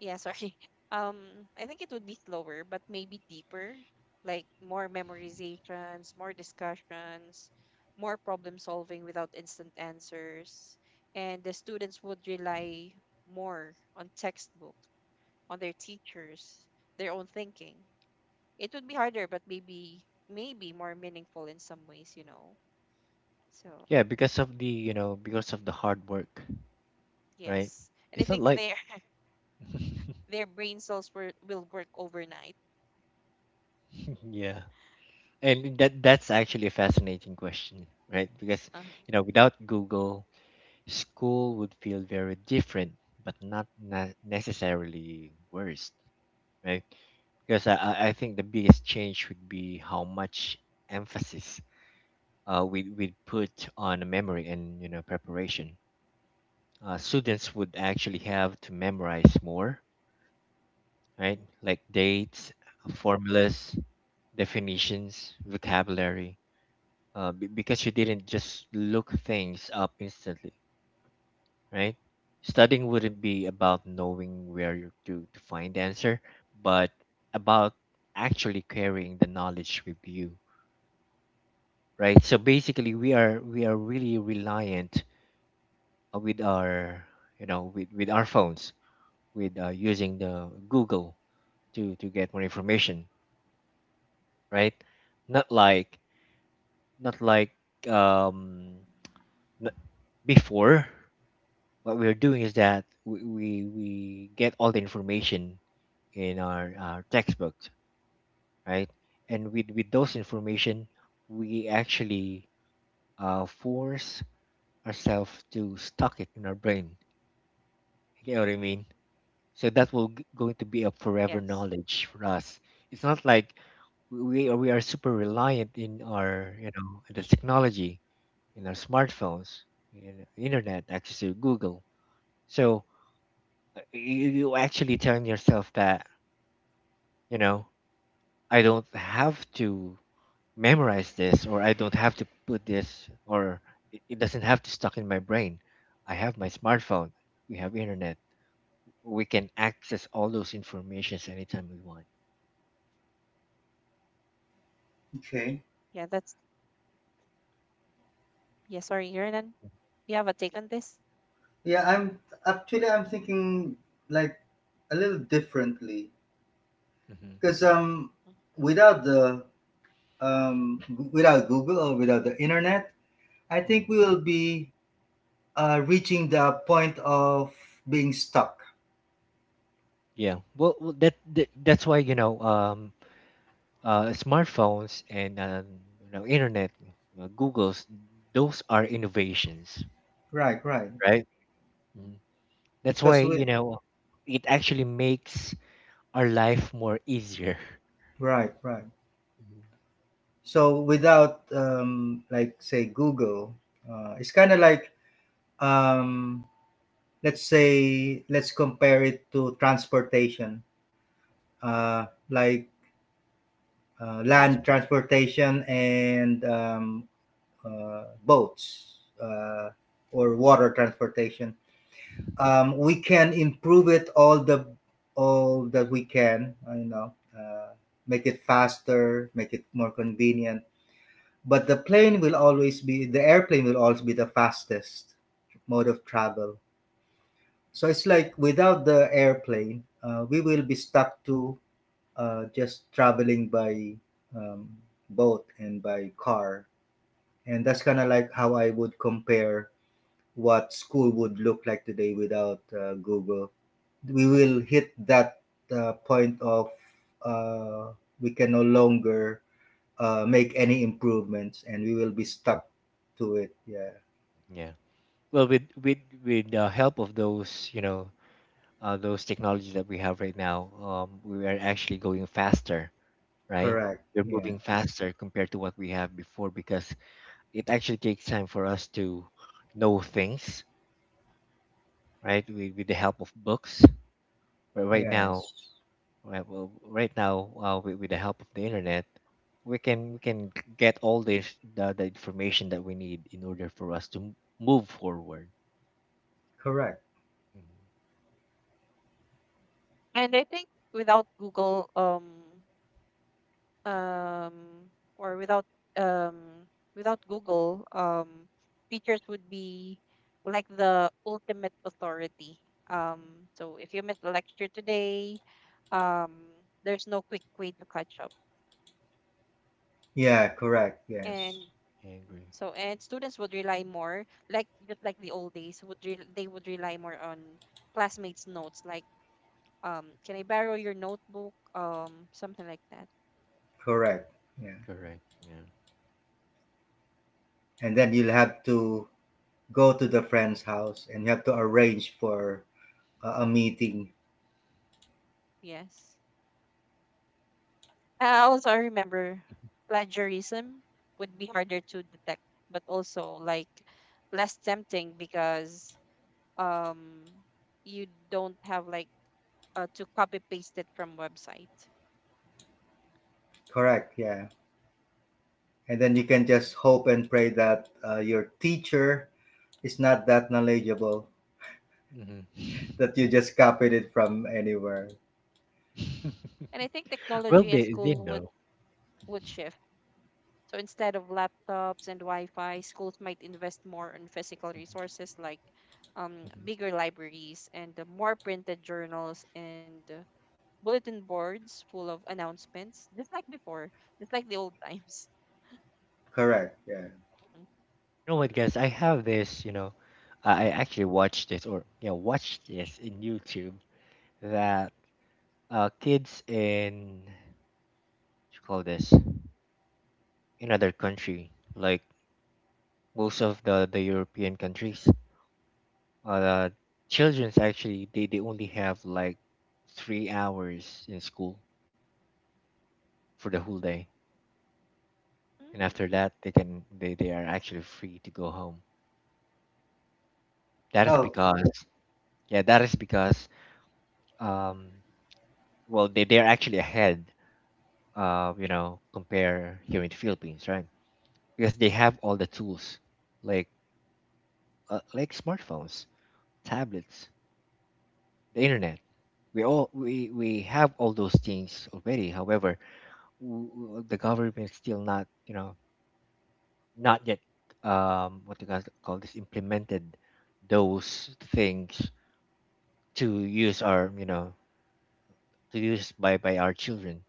Yeah, sorry. I think it would be slower, but maybe deeper, like more memorizations, more discussions, more problem solving without instant answers. And the students would rely more on textbook, on their teachers, their own thinking. It would be harder, but maybe more meaningful in some ways. So
Yeah, because of the, you know, because of the hard work, right?
yes.
It's not
And I
like
think their their brain cells will work overnight.
yeah, and that's actually a fascinating question, right? Because
Uh-huh.
you know, without Google, school would feel very different, but not necessarily worse, right? Because I think the biggest change would be how much emphasis we put on memory and, you know, preparation. Students would actually have to memorize more, right? Like dates, formulas, definitions, vocabulary, because you didn't just look things up instantly, right? Studying wouldn't be about knowing where to find the answer, but about actually carrying the knowledge with you, right? So basically, we are really reliant with our with our phones, with using the Google to get more information, right? Not like not like um n- before. What we're doing is that we get all the information in our textbooks, right? And with those information, we actually force ourselves to stock it in our brain. You know what I mean? So that will going to be a forever
Yes.
knowledge for us. It's not like we are super reliant in our the technology in our smartphones, in internet access to Google. So you actually telling yourself that you know I don't have to memorize this or I don't have to put this or it doesn't have to stuck in my brain. I have my smartphone. We have internet. We can access all those informations anytime we want.
Okay.
Yeah, that's yeah, sorry, Renan, you have a take on this?
Yeah, I'm actually I'm thinking like a little differently
Hmm.
because
Mhm.
without the without Google or without the internet, I think we
Hmm.
will be reaching the point of being stuck.
Yeah. Well, that, that's why smartphones and internet, Google's, those are innovations,
Right, right.
right? Mhm. That's why,
Because
you
we.
know, it actually makes our life more easier.
Right, right.
Mhm.
So without like say Google, it's kind of like um, let's say let's compare it to transportation, uh, like land
Transportation?
transportation and boats or water transportation. We can improve it all the all that we can. You know, make it faster, make it more convenient. But the plane will always be the airplane will always be the fastest mode of travel. So it's like without the airplane, we will be stuck to just traveling by um, boat and by car. And that's kind of like how I would compare what school would look like today without Google. We will hit that point of uh, we can no longer make any improvements and we will be stuck to it. Yeah,
Yeah. Well, with with the help of those, you know, those technologies that we have right now, we are actually going faster, right?
correct,
We're
yeah,
moving faster compared to what we have before, because it actually takes time for us to know things, right? With the help of books, but right now,
yes,
right, well, right now, with the help of the internet, we can get all this the information that we need in order for us to move forward.
correct,
Mhm.
And I think, without Google, um, or without um, without Google, teachers would be like the ultimate authority. So if you miss the lecture today, um, there's no quick way to catch up,
yeah, correct,
and
yes,
I agree.
so, and students would rely more, like just like the old days. They would rely more on classmates' notes, like can I borrow your notebook, something like that.
correct, yeah.
Correct. Yeah.
And then you'll have to go to the friend's house and you have to arrange for a meeting.
Yes. Also, I remember plagiarism would be harder to detect, but also, like, less tempting because um you don't have, like, to copy paste it from website.
Correct, yeah. And then you can just
Mhm.
hope and pray that your teacher is not that knowledgeable,
Mhm.
that you just copied it from anywhere.
And I think
Well,
technology and
they
school would
know.
would shift. So instead of laptops and Wi-Fi, schools might invest more on physical
Mhm,
resources, like
mhm. You
bigger libraries and more printed journals, and bulletin boards full of announcements, just like before, just like the old times.
Correct, yeah.
know what, guys? I have this. You know, I actually watched this or, you know, watched this in YouTube, that kids in, what you call this, in other country, like most of the European countries, uh children's actually they only have like 3 hours in school for the whole day, and
Hmm.
after that they can they are actually free to go home. That is
Oh,
because, yeah, that is because um well they they're actually ahead, you know, compare here in the Philippines, right? Because they have all the tools, like like smartphones, tablets, the internet. We all we have all those things already. However, the government still not, you know, not yet, what you guys call this, implemented those things to use our, you know, to use by our children,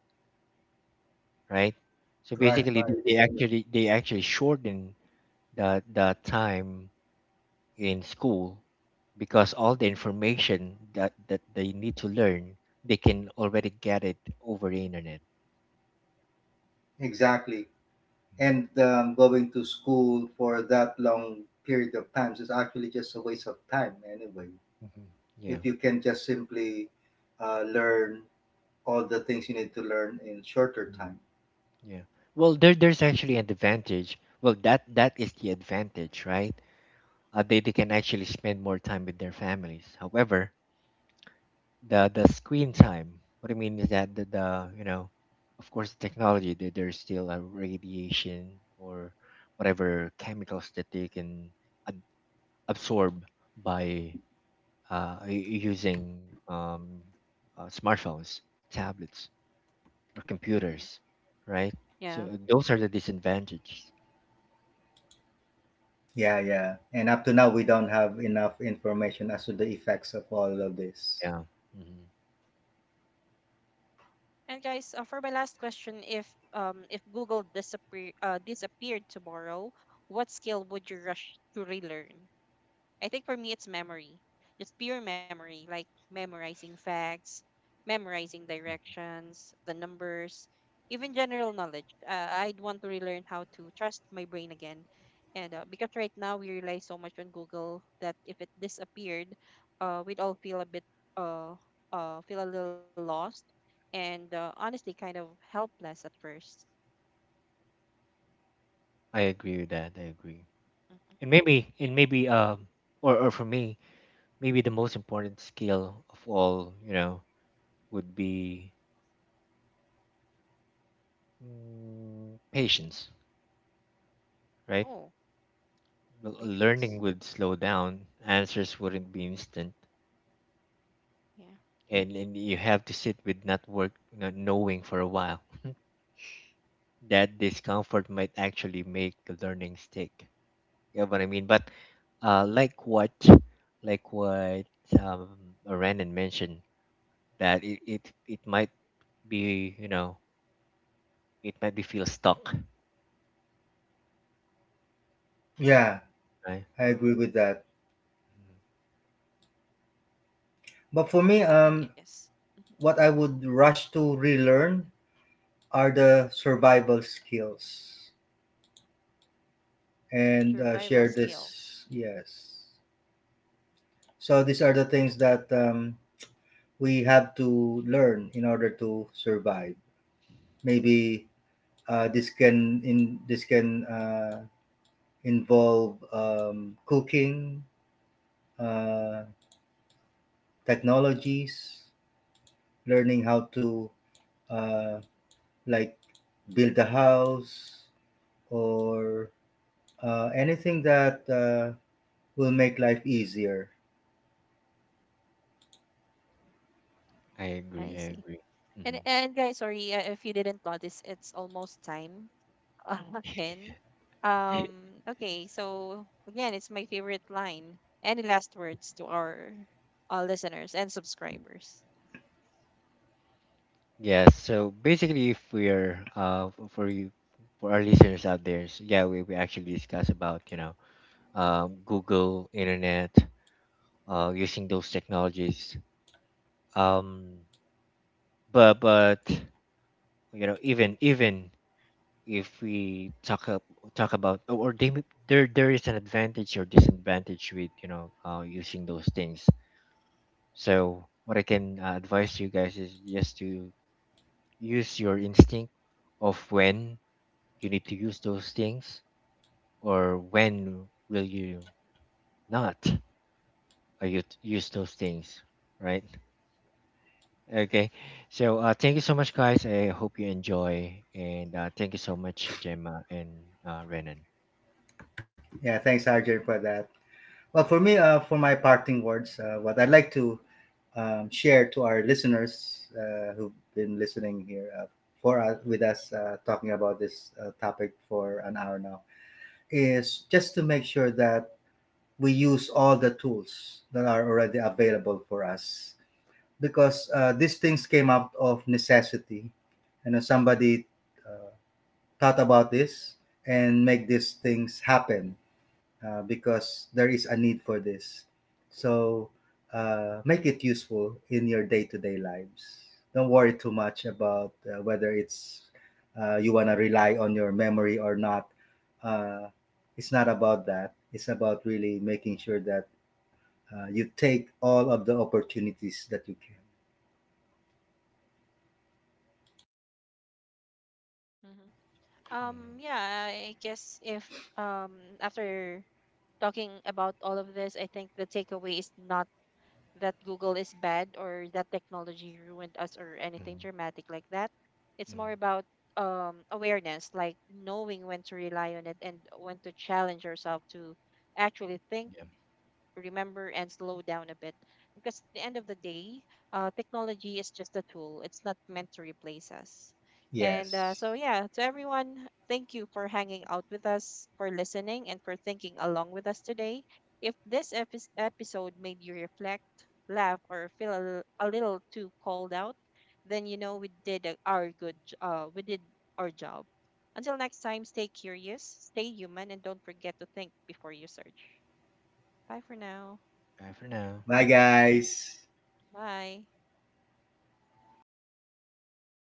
right? So
right,
basically, they,
right,
they actually they actually shorten the time in school, because all the information that that they need to learn, they can already get it over the internet.
exactly.
Mm-hmm.
And going to school for that long period of time is actually just a waste of time anyway,
Mm-hmm. Yeah,
if you can just simply learn all the things you need to learn in shorter
mhm,
time.
yeah. Well, there there's actually an advantage. Well, that that is the advantage, right? They can actually spend more time with their families. However, the screen time. What I mean is that the you know, of course, the technology there, there's still a radiation or whatever chemicals that they can ab- absorb by using um, smartphones, tablets, or
Mm-hmm.
computers, right? So
Yeah.
those are the disadvantages.
Yeah, yeah. And up to now, we don't have enough information as to the effects of all of this.
Yeah. Hmm.
And guys, for my last question, if Google disappeared tomorrow, what skill would you rush to relearn? I think for me, it's memory, just pure memory, like memorizing facts, memorizing directions, the numbers, even general knowledge. I'd want to relearn how to trust my brain again. And because right now we rely so much on Google that if it disappeared, we'd all feel a bit, uh, feel a little lost, and honestly kind of helpless at first.
I agree with that. I agree.
Hmm.
And maybe, or for me, maybe the most important skill of all, you know, would be patience, right?
Oh,
L- Learning
patience.
would slow down, answers wouldn't
Mhm.
be instant,
Yeah.
and you have to sit with not knowing for a while. That discomfort might actually make the learning stick. You know what I mean? But uh, like what like what um, Renan mentioned, that it, it might be, you know, it might be feel stuck,
Yeah,
right?
I
Oh,
agree with that.
Mhm.
But for me,
and yes. Mm-hmm.
what I would rush to relearn are the survival skills. And
Survival
share
skills.
this, yes. So these are the things that we have to learn in order to survive. Maybe this can in this can involve cooking, uh, technologies, learning how to uh, like build a house or anything that will make life easier.
I
I
agree. I
see.
agree.
And
Hmm.
and guys, sorry, if you didn't notice, it's almost time again. Okay. So again, it's my favorite line. Any last words to our listeners and subscribers?
Yes. So basically, if we're for you, for our listeners out there, so yeah, we actually discuss about, you know, Google, internet, using those technologies. Um, but you know, even even if talk about or they, there there is an advantage or disadvantage with, you know, using those things. So what I can advise you guys is just to use your instinct of when you need to use those things or when will you not you use those things, right? Okay. So thank you so much, guys. I hope you enjoy, and thank you so much, Gemma, and Renan.
Yeah, thanks, Arjun, for that. Well, for me, for my parting words, what I'd like to share to our listeners who've been listening here for us with us talking about this topic for an hour now is just to make sure that we use all the tools that are already available for us, because these things came out of necessity. You know, somebody uh, thought about this and make these things happen because there is a need for this. So make it useful in your day to day lives. Don't worry too much about whether it's you want to rely on your memory or not. Uh, it's not about that. It's about really making sure that you take all of the opportunities that you can.
Hmm. Yeah. I guess if um after talking about all of this, I think the takeaway is not that Google is bad, or that technology ruined us, or anything
Mm-hmm.
dramatic like that. It's more about awareness, like knowing when to rely on it and when to challenge yourself to actually think,
Yeah,
remember, and slow down a bit, because at the end of the day, technology is just a tool. It's not meant to replace us. And
Yes.
so yeah, to everyone, thank you for hanging out with us, for listening, and for thinking along with us today. If this episode made you reflect, laugh, or feel a little too called out, then we did we did our job. Until next time, stay curious, stay human, and don't forget to think before you search. Bye for now.
bye for now.
Bye, guys.
Bye.